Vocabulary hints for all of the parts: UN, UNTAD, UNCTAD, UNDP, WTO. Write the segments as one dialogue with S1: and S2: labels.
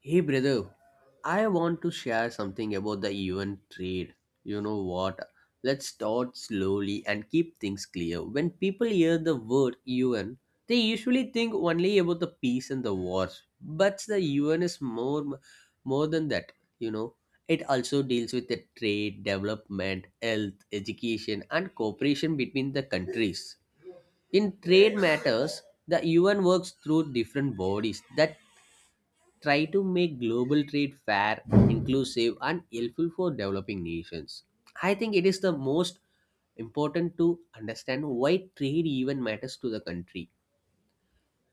S1: Hey brother, I want to share something about the event trade. You know what? Let's start slowly and keep things clear. When people hear the word UN, they usually think only about the peace and the wars. But the UN is more than that, you know. It also deals with the trade, development, health, education and cooperation between the countries. In trade matters, the UN works through different bodies that try to make global trade fair, inclusive, and helpful for developing nations. I think it is the most important to understand why trade even matters to the country.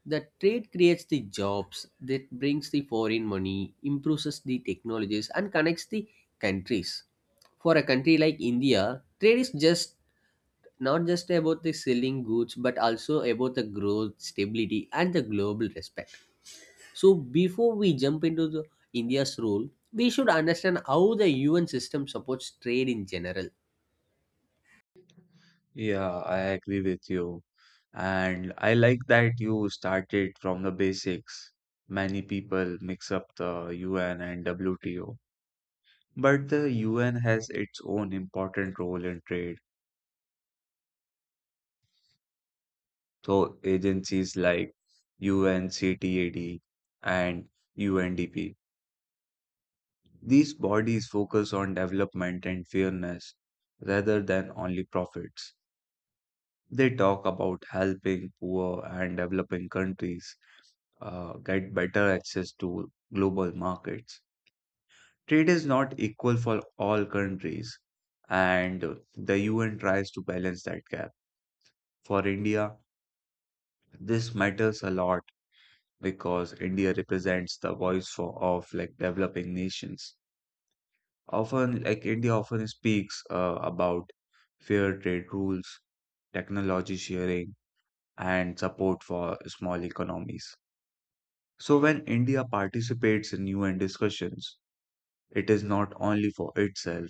S1: The trade creates the jobs that brings the foreign money, improves the technologies, and connects the countries. For a country like India, trade is just not just about the selling goods but also about the growth, stability, and the global respect. So before we jump into the India's role, we should understand how the UN system supports trade in general.
S2: Yeah, I agree with you. And I like that you started from the basics. Many people mix up the UN and WTO, but the UN has its own important role in trade. So agencies like UNCTAD and UNDP, these bodies focus on development and fairness rather than only profits. They talk about helping poor and developing countries get better access to global markets. Trade is not equal for all countries, and the UN tries to balance that gap. For India, this matters a lot because India represents the voice for of like developing nations. Often, like India often speaks about fair trade rules, technology sharing, and support for small economies. So when India participates in UN discussions, it is not only for itself,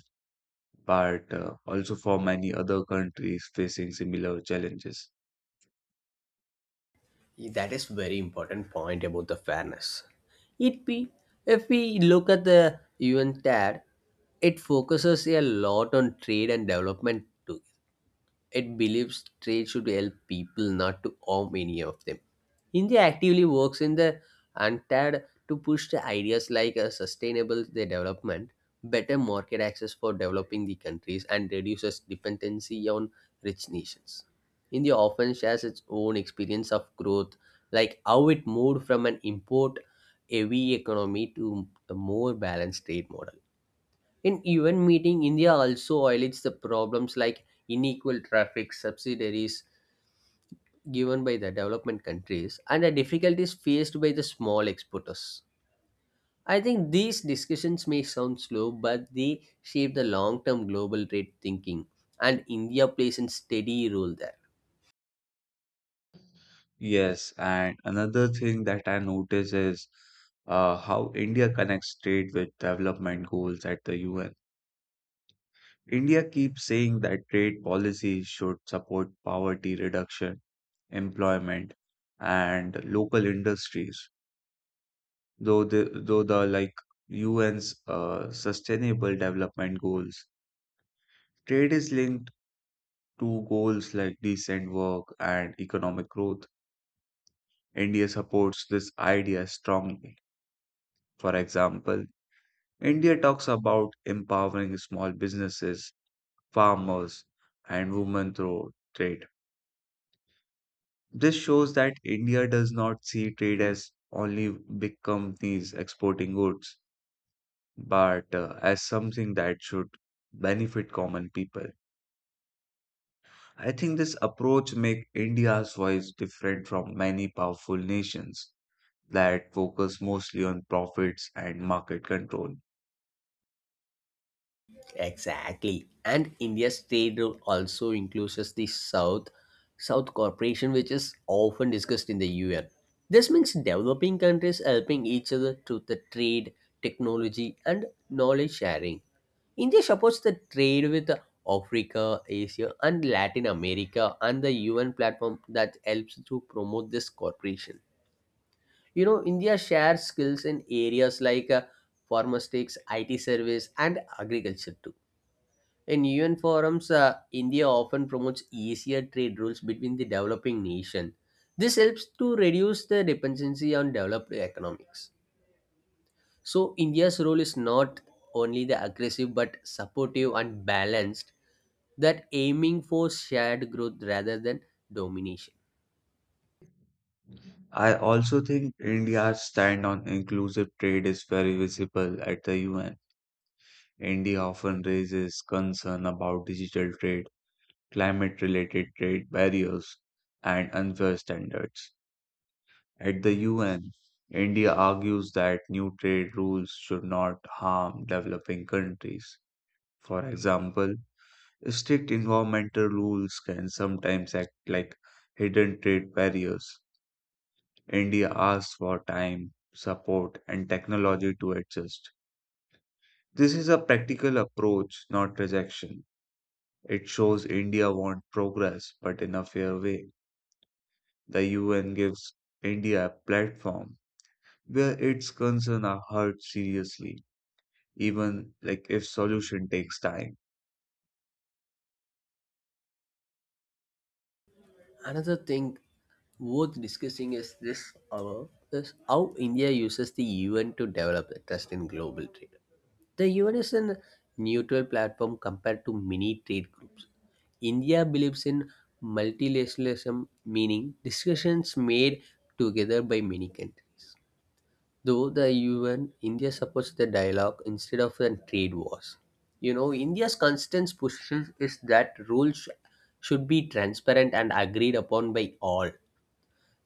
S2: but also for many other countries facing similar challenges.
S1: That is very important point about the fairness. It be If we look at the UN TAD, it focuses a lot on trade and development too. It believes trade should help people, not to harm any of them. India actively works in the UNTAD to push the ideas like a sustainable the development, better market access for developing the countries, and reduces dependency on rich nations. India often shares its own experience of growth, like how it moved from an import heavy economy to a more balanced trade model. In even meeting India also highlights the problems like unequal traffic subsidiaries given by the development countries and the difficulties faced by the small exporters. I think these discussions may sound slow, but they shape the long term global trade thinking, and India plays a steady role there.
S2: Yes, and another thing that I notice is how India connects trade with development goals at the UN. India keeps saying that trade policy should support poverty reduction, employment, and local industries. Though the like UN's sustainable development goals, trade is linked to goals like decent work and economic growth. India supports this idea strongly. For example, India talks about empowering small businesses, farmers, and women through trade. This shows that India does not see trade as only big companies exporting goods, but as something that should benefit common people. I think this approach makes India's voice different from many powerful nations that focus mostly on profits and market control.
S1: Exactly. And India's trade role also includes the South South Cooperation, which is often discussed in the UN. This means developing countries helping each other through the trade, technology, and knowledge sharing. India supports the trade with Africa, Asia, and Latin America, and the UN platform that helps to promote this cooperation. India shares skills in areas like pharmaceutics, IT service, and agriculture too. In UN forums, India often promotes easier trade rules between the developing nation. This helps to reduce the dependency on developed economics. So India's role is not only the aggressive but supportive and balanced that aiming for shared growth rather than domination.
S2: I also think India's stand on inclusive trade is very visible at the UN. India often raises concern about digital trade, climate related trade barriers, and unfair standards. At the UN, India argues that new trade rules should not harm developing countries. For example, strict environmental rules can sometimes act like hidden trade barriers. India asks for time, support, and technology to adjust. This is a practical approach, not rejection. It shows India wants progress, but in a fair way. The UN gives India a platform where its concerns are heard seriously, even like if solution takes time.
S1: Another thing worth discussing is this hour is how India uses the UN to develop the trust in global trade. The UN is a neutral platform compared to many trade groups. India believes in multilateralism, meaning discussions made together by many countries. Though the UN, India supports the dialogue instead of the trade wars. India's constant push is that rules should be transparent and agreed upon by all.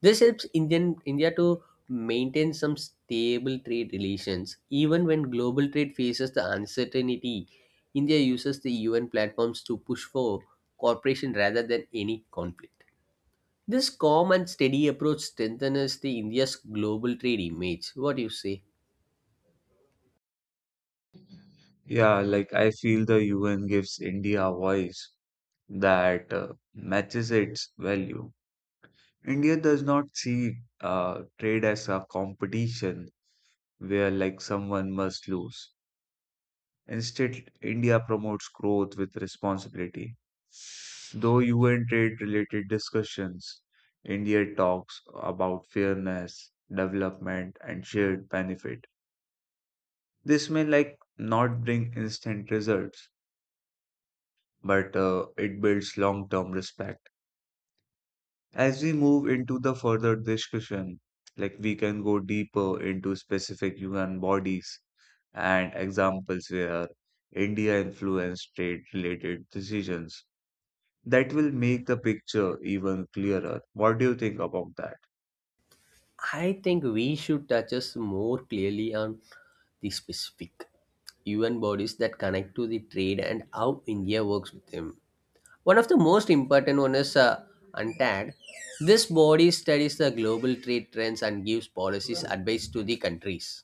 S1: This helps India to maintain some stable trade relations. Even when global trade faces the uncertainty, India uses the UN platforms to push for cooperation rather than any conflict. This calm and steady approach strengthens the India's global trade image. What do you say?
S2: Yeah, like I feel the UN gives India a voice that matches its value. India does not see trade as a competition where like someone must lose. Instead, India promotes growth with responsibility. Though UN trade related discussions, India talks about fairness, development, and shared benefit. This may like not bring instant results, but it builds long term respect. As we move into the further discussion, like we can go deeper into specific human bodies and examples where India influenced state related decisions that will make the picture even clearer. What do you think about that?
S1: I think we should touch us more clearly on the specific UN bodies that connect to the trade and how India works with them. One of the most important one is UNTAD. This body studies the global trade trends and gives policies advice to the countries.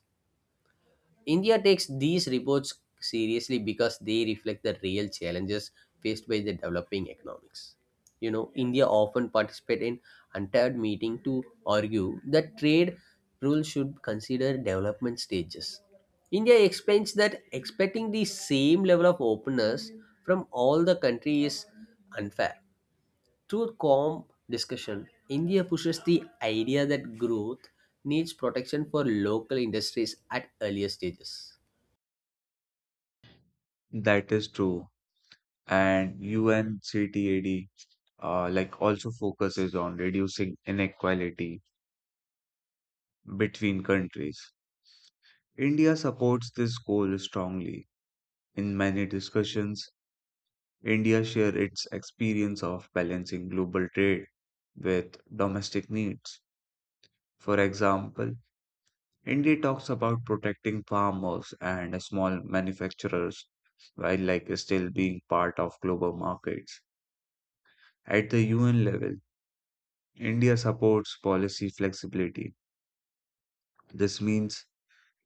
S1: India takes these reports seriously because they reflect the real challenges faced by the developing economics. India often participate in untied meeting to argue that trade rules should consider development stages. India explains that expecting the same level of openness from all the country is unfair. Through calm discussion, India pushes the idea that growth needs protection for local industries at earlier stages.
S2: That is true. And UNCTAD like also focuses on reducing inequality between countries. India supports this goal strongly. In many discussions, India shares its experience of balancing global trade with domestic needs. For example, India talks about protecting farmers and small manufacturers while like still being part of global markets. At the UN level, India supports policy flexibility. This means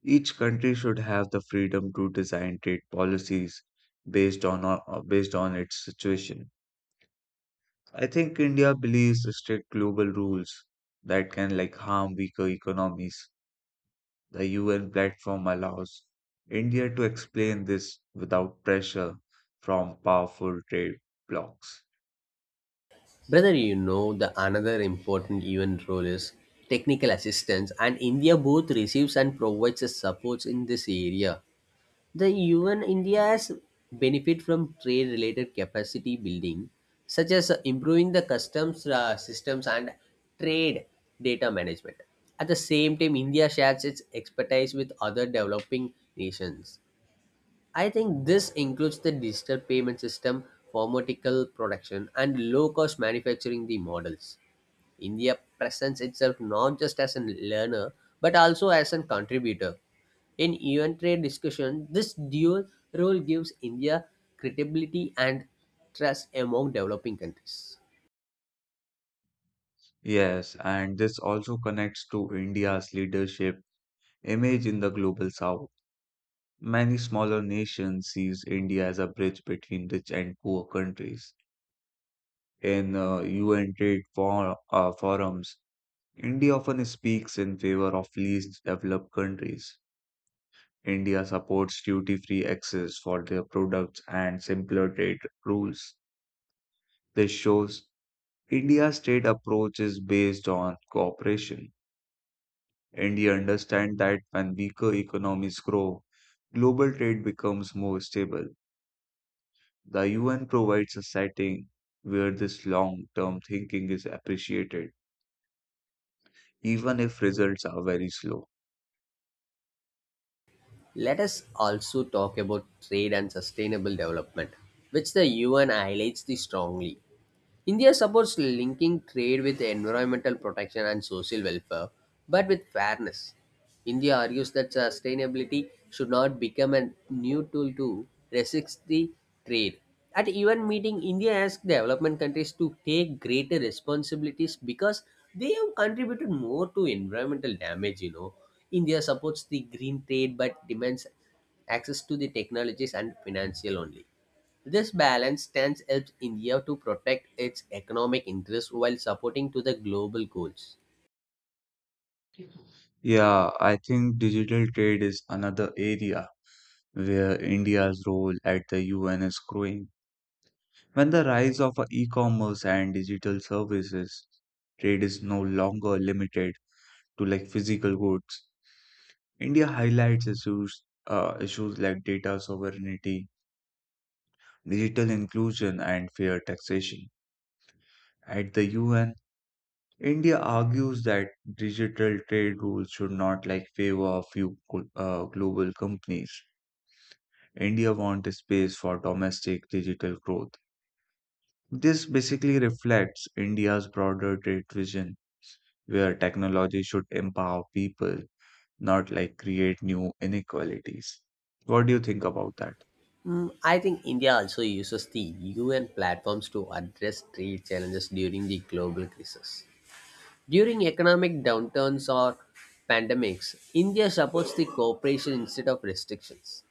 S2: each country should have the freedom to design trade policies based on uh, based on its situation. I think India believes strict global rules that can like harm weaker economies. The UN platform allows India to explain this without pressure from powerful trade blocs.
S1: Brother, the another important event role is technical assistance, and India both receives and provides the supports in this area. The UN India has benefit from trade-related capacity building, such as improving the customs systems and trade data management. At the same time, India shares its expertise with other developing nations. I think this includes the digital payment system, pharmaceutical production, and low cost manufacturing the models. India presents itself not just as a learner but also as a contributor. In UN trade discussion, this dual role gives India credibility and trust among developing countries.
S2: Yes, and this also connects to India's leadership image in the global south. Many smaller nations sees India as a bridge between rich and poor countries. In UN trade forums, India often speaks in favor of least developed countries. India supports duty free access for their products and simpler trade rules. This shows India's trade approach is based on cooperation. India understands that when weaker economies grow, global trade becomes more stable. The UN provides a setting where this long term thinking is appreciated, even if results are very slow.
S1: Let us also talk about trade and sustainable development, which the UN highlights the strongly. India supports linking trade with environmental protection and social welfare, but with fairness. India argues that sustainability should not become a new tool to resist the trade. At even meeting, India asked development countries to take greater responsibilities because they have contributed more to environmental damage. India supports the green trade but demands access to the technologies and financial only. This balance stance helps India to protect its economic interests while supporting to the global goals.
S2: Yeah, I think digital trade is another area where India's role at the UN is growing. When the rise of e-commerce and digital services, trade is no longer limited to like physical goods. India highlights issues like data sovereignty, digital inclusion, and fair taxation. At the UN, India argues that digital trade rules should not like favor a few global companies. India wants space for domestic digital growth. This basically reflects India's broader trade vision, where technology should empower people, not like create new inequalities. What do you think about that?
S1: I think India also uses the UN platforms to address trade challenges during the global crisis. During economic downturns or pandemics, India supports the cooperation instead of restrictions.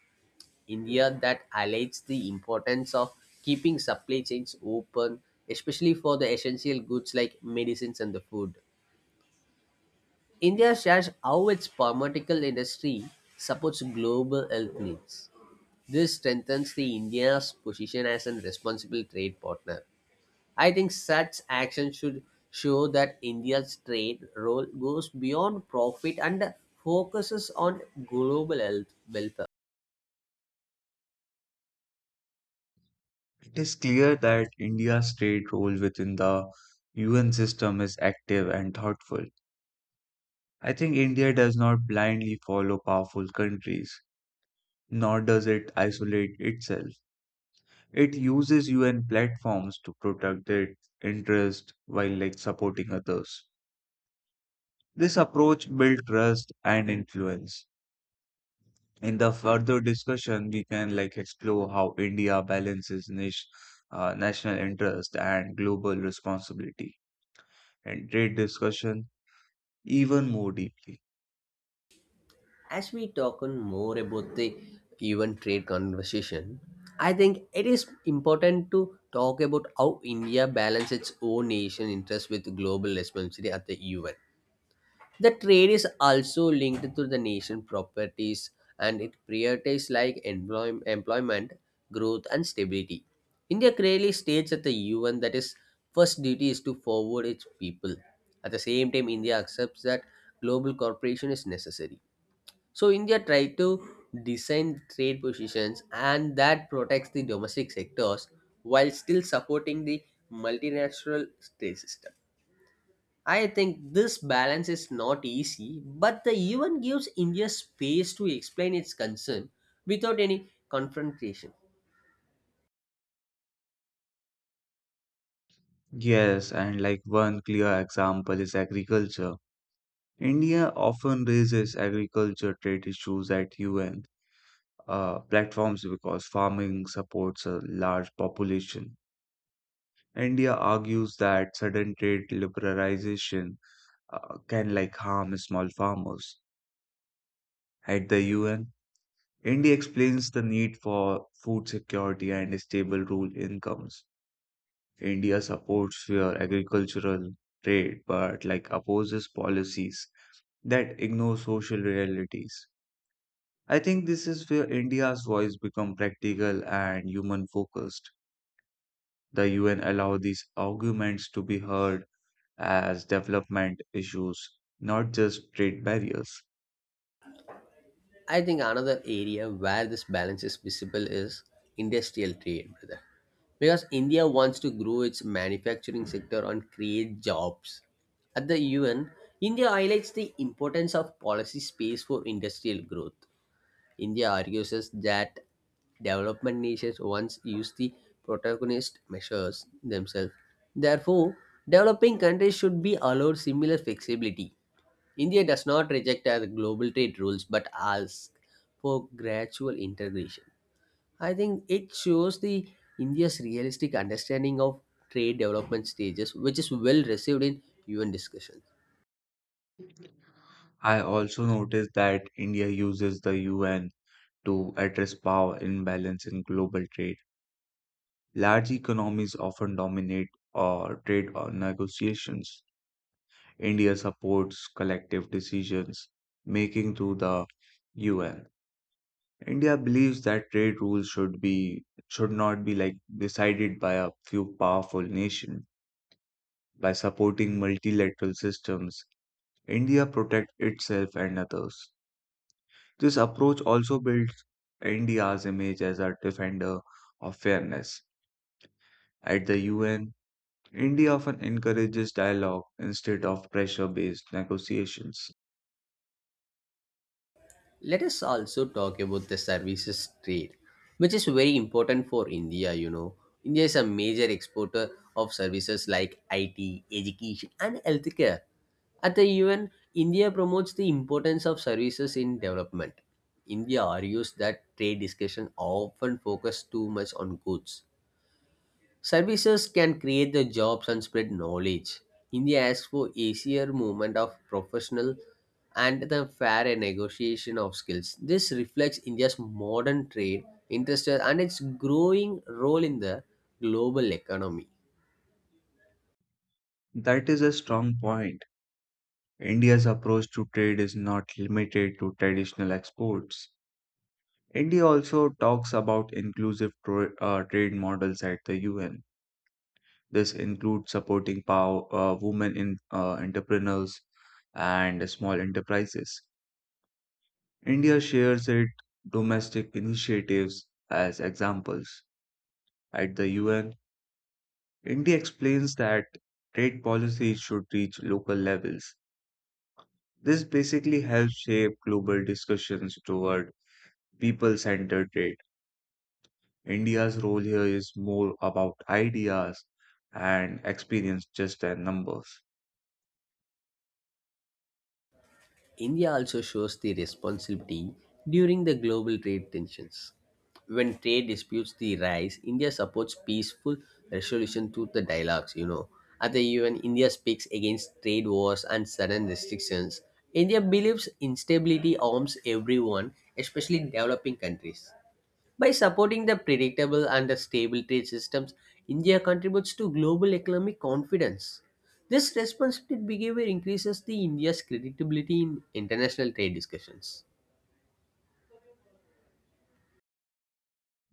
S1: India that highlights the importance of keeping supply chains open, especially for the essential goods like medicines and the food. India shares how its pharmaceutical industry supports global health needs. This strengthens the India's position as a responsible trade partner. I think such action should show that India's trade role goes beyond profit and focuses on global health welfare.
S2: It is clear that India's trade role within the UN system is active and thoughtful. I think India does not blindly follow powerful countries, nor does it isolate itself. It uses UN platforms to protect its interests while like supporting others. This approach builds trust and influence. In the further discussion, we can like explore how India balances national interest and global responsibility and trade discussion even more deeply.
S1: As we talk on more about the even trade conversation, I think it is important to talk about how India balances its own nation interest with global responsibility at the UN. The trade is also linked to the nation properties and it prioritizes like employment, growth and stability. India clearly states at the UN that its first duty is to forward its people. At the same time, India accepts that global cooperation is necessary so India tried to design trade positions and that protects the domestic sectors while still supporting the multinational trade system. I think this balance is not easy, but the UN gives India space to explain its concern without any confrontation.
S2: Yes, and like one clear example is agriculture. India often raises agriculture trade issues at UN platforms because farming supports a large population. India argues that sudden trade liberalization can like harm small farmers. At the UN, India explains the need for food security and stable rural incomes. India supports fair agricultural trade but like opposes policies that ignore social realities. I think this is where India's voice become practical and human focused. The UN allow these arguments to be heard as development issues, not just trade barriers.
S1: I think another area where this balance is visible is industrial trade, brother. Because India wants to grow its manufacturing sector and create jobs. At the UN, India highlights the importance of policy space for industrial growth. India argues us that development nations once used the protagonist measures themselves. Therefore, developing countries should be allowed similar flexibility. India does not reject our global trade rules but asks for gradual integration. I think it shows the India's realistic understanding of trade development stages, which is well received in UN discussions.
S2: I also noticed that India uses the UN to address power imbalance in global trade. Large economies often dominate or trade or negotiations. India supports collective decisions making through the UN. India believes that trade rules should be should not be decided by a few powerful nations. By supporting multilateral systems, India protects itself and others. This approach also builds India's image as a defender of fairness. At the UN, India often encourages dialogue instead of pressure based negotiations.
S1: Let us also talk about the services trade, which is very important for India. India is a major exporter of services like IT, education, and healthcare. At the UN, India promotes the importance of services in development. India argues that trade discussion often focus too much on goods. Services can create the jobs and spread knowledge. India asks for easier movement of professional and the fair negotiation of skills. This reflects India's modern trade, interest, and its growing role in the global economy.
S2: That is a strong point. India's approach to trade is not limited to traditional exports. India also talks about inclusive trade models at the UN. This includes supporting women in entrepreneurs and small enterprises. India shares its domestic initiatives as examples. At the UN, India explains that trade policy should reach local levels. This basically helps shape global discussions toward people centered trade. India's role here is more about ideas and experience just than numbers.
S1: India also shows the responsibility during the global trade tensions. When trade disputes the rise, India supports peaceful resolution through the dialogues. At the UN, India speaks against trade wars and sudden restrictions. India believes instability harms everyone, especially developing countries. By supporting the predictable and the stable trade systems, India contributes to global economic confidence. This responsible behavior increases the India's credibility in international trade discussions.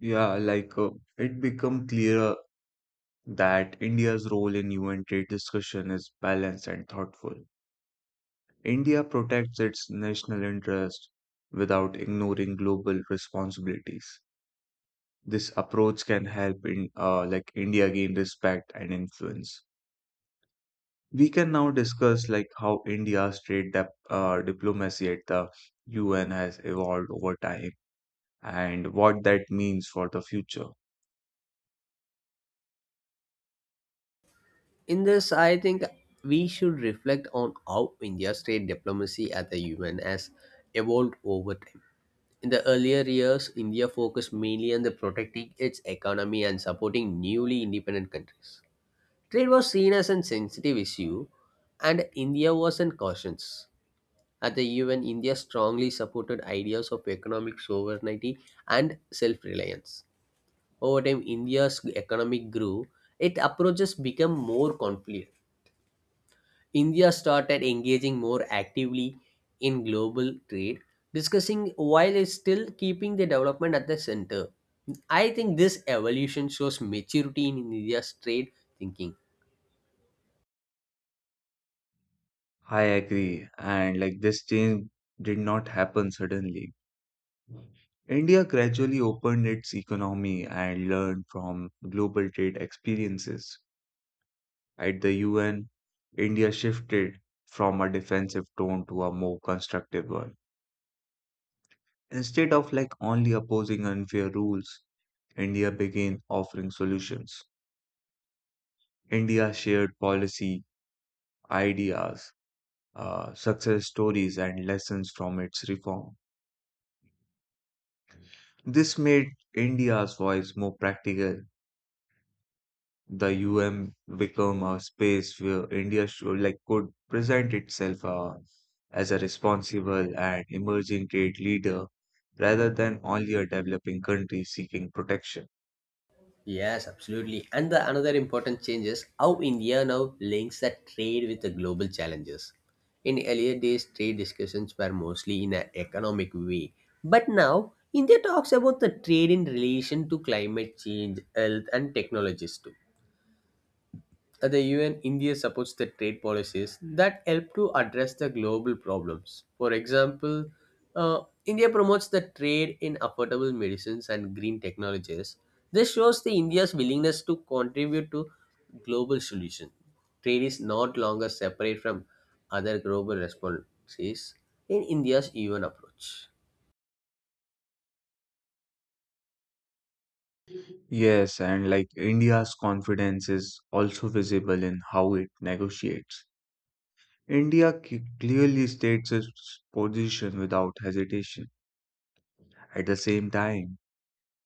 S2: Yeah, it become clearer that India's role in UN trade discussion is balanced and thoughtful. India protects its national interest without ignoring global responsibilities. This approach can help in like India gain respect and influence. We can now discuss like how India's trade diplomacy at the UN has evolved over time and what that means for the future.
S1: In this, I think we should reflect on how India's trade diplomacy at the UN has evolved over time. In the earlier years, India focused mainly on the protecting its economy and supporting newly independent countries. Trade was seen as a sensitive issue, and India wasn't cautious. At the UN, India strongly supported ideas of economic sovereignty and self reliance. Over time, India's economic grew, its approaches became more confident. India started engaging more actively in global trade, discussing while it's still keeping the development at the center. I think this evolution shows maturity in India's trade thinking.
S2: I agree, and like this change did not happen suddenly. India gradually opened its economy and learned from global trade experiences. At the UN, India shifted from a defensive tone to a more constructive one. Instead of like only opposing unfair rules, India began offering solutions. India shared policy, ideas, success stories, and lessons from its reform. This made India's voice more practical. The UM become a space where India should like could present itself as a responsible and emerging trade leader rather than only a developing country seeking protection.
S1: Yes, absolutely. And the another important change is how India now links the trade with the global challenges. In earlier days, trade discussions were mostly in an economic way. But now, India talks about the trade in relation to climate change, health, and technologies too. The UN India supports the trade policies that help to address the global problems. For example, India promotes the trade in affordable medicines and green technologies. This shows the India's willingness to contribute to global solutions. Trade is not longer separate from other global responses in India's UN approach.
S2: Yes, and like India's confidence is also visible in how it negotiates. Clearly states its position without hesitation. At the same time,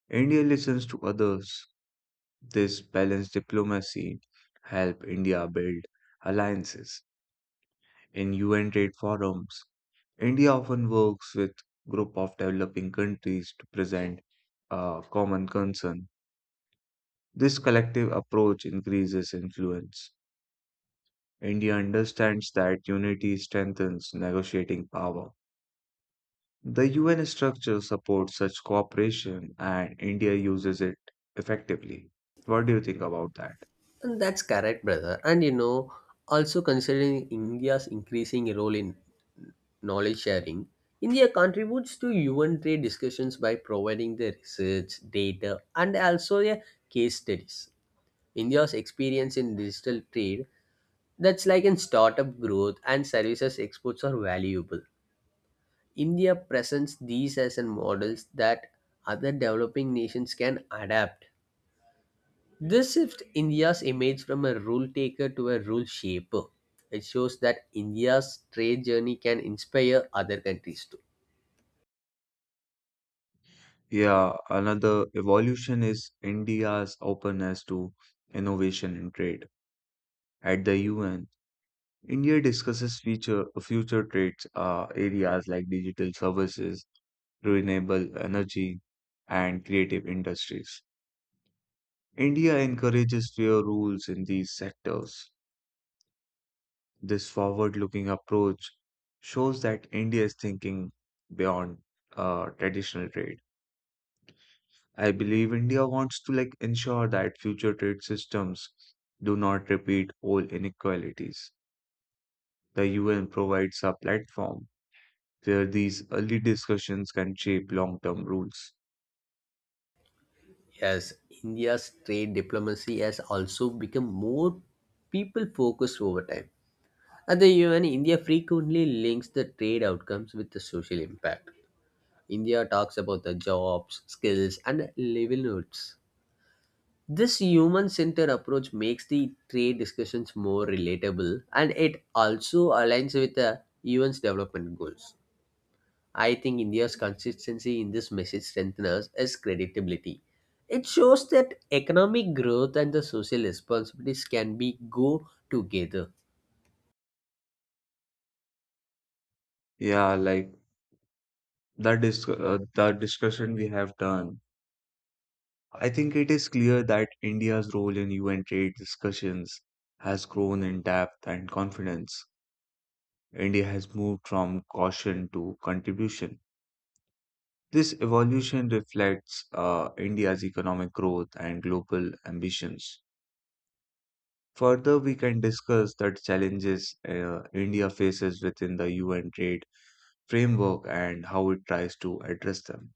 S2: India listens to others. This balanced diplomacy helped India build alliances. In UN trade forums, India often works with group of developing countries to present a common concern. This collective approach increases influence. India understands that unity strengthens negotiating power. The UN structure supports such cooperation and India uses it effectively. What do you think about that?
S1: And that's correct, brother. And you know, also considering India's increasing role in knowledge sharing, India contributes to UN trade discussions by providing the research, data, and also a case studies. India's experience in digital trade, that's like in startup growth and services exports, are valuable. India presents these as an models that other developing nations can adapt. This shifts India's image from a rule taker to a rule shaper. It shows that India's trade journey can inspire other countries too.
S2: Yeah, another evolution is India's openness to innovation and trade. At the UN, India discusses future trades areas like digital services, renewable energy, and creative industries. India encourages fair rules in these sectors. This forward-looking approach shows that India is thinking beyond traditional trade. I believe India wants to like ensure that future trade systems do not repeat old inequalities. The UN provides a platform where these early discussions can shape long-term rules.
S1: Yes, India's trade diplomacy has also become more people focused over time. At the UN, India frequently links the trade outcomes with the social impact. India talks about the jobs, skills, and livelihoods. This human centered approach makes the trade discussions more relatable and it also aligns with the UN's development goals. I think India's consistency in this message strengthens its credibility. It shows that economic growth and the social responsibilities can be go together.
S2: Yeah, like that is the discussion we have done. I think it is clear that India's role in UN trade discussions has grown in depth and confidence. India has moved from caution to contribution. This evolution reflects India's economic growth and global ambitions. Further, we can discuss the challenges India faces within the UN trade framework and how it tries to address them.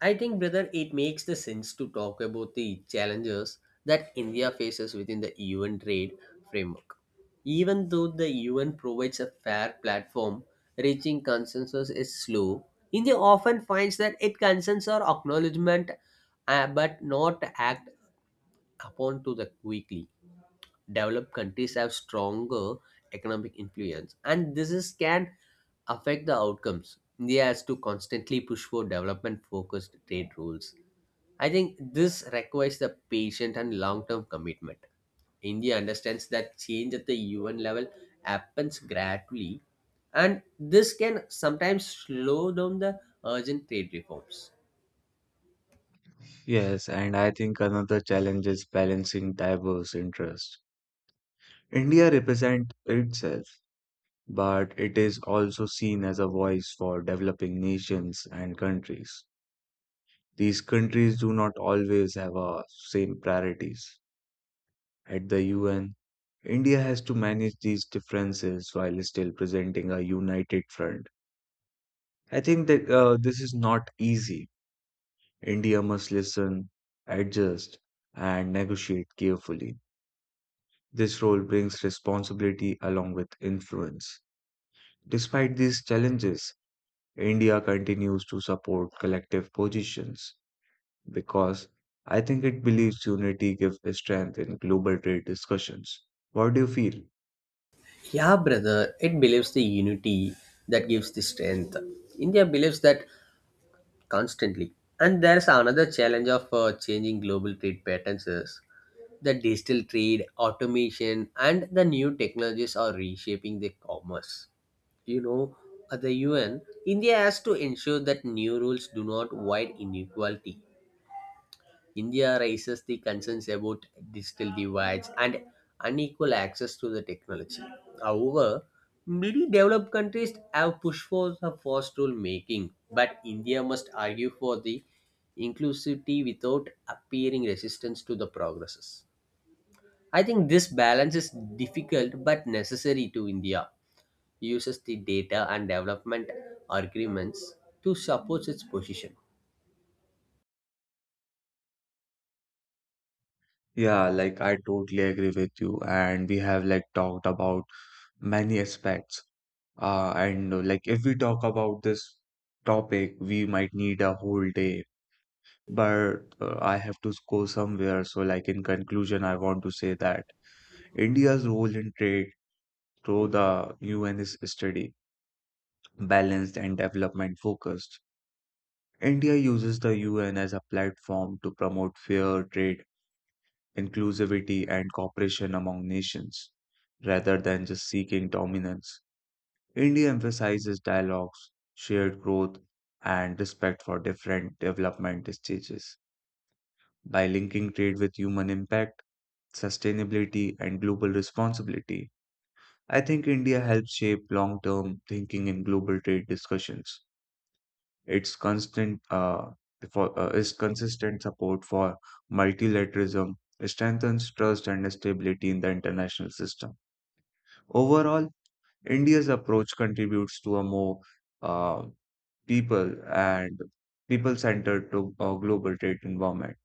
S1: I think, brother, it makes the sense to talk about the challenges that India faces within the UN trade framework. Even though the UN provides a fair platform, reaching consensus is slow. India often finds that it consents or acknowledgement, but not act upon to the quickly. Developed countries have stronger economic influence and this is can affect the outcomes. India has to constantly push for development focused trade rules. I think this requires the patient and long term commitment. India understands that change at the UN level happens gradually, and this can sometimes slow down the urgent trade reforms.
S2: Yes, and I think another challenge is balancing diverse interests. India represents itself, but it is also seen as a voice for developing nations and countries. These countries do not always have same priorities. At the UN, India has to manage these differences while still presenting a united front. I think that this is not easy. India must listen, adjust, and negotiate carefully. This role brings responsibility along with influence. Despite these challenges, India continues to support collective positions because I think it believes unity gives strength in global trade discussions. What do you feel?
S1: Yeah, brother, it believes the unity that gives the strength. India believes that constantly. And there's another challenge of changing global trade patterns is the digital trade automation, and the new technologies are reshaping the commerce, you know. At the UN, India has to ensure that new rules do not widen inequality. India raises the concerns about digital divides and unequal access to the technology. However, many developed countries have pushed for the first rule making, but India must argue for the inclusivity without appearing resistance to the progresses. I think this balance is difficult but necessary to India. Uses the data and development agreements to support its position.
S2: Yeah, like I totally agree with you. And we have like talked about many aspects. And like if we talk about this topic, we might need a whole day. But I have to go somewhere. So, like in conclusion, I want to say that India's role in trade through the UN is steady, balanced, and development focused. India uses the UN as a platform to promote fair trade inclusivity, and cooperation among nations, rather than just seeking dominance. India emphasizes dialogues, shared growth, and respect for different development stages. By linking trade with human impact, sustainability, and global responsibility, I think India helps shape long term thinking in global trade discussions. Its constant uh, its consistent support for multilateralism strengthens trust and stability in the international system. Overall, India's approach contributes to a more uh, people and people-centered global trade environment.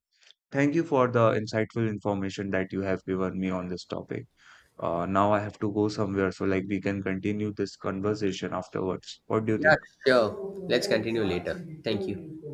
S2: Thank you for the insightful information that you have given me on this topic. Now I have to go somewhere, so like we can continue this conversation afterwards. What do you
S1: Yeah,
S2: think?
S1: sure. Let's continue later. Thank you.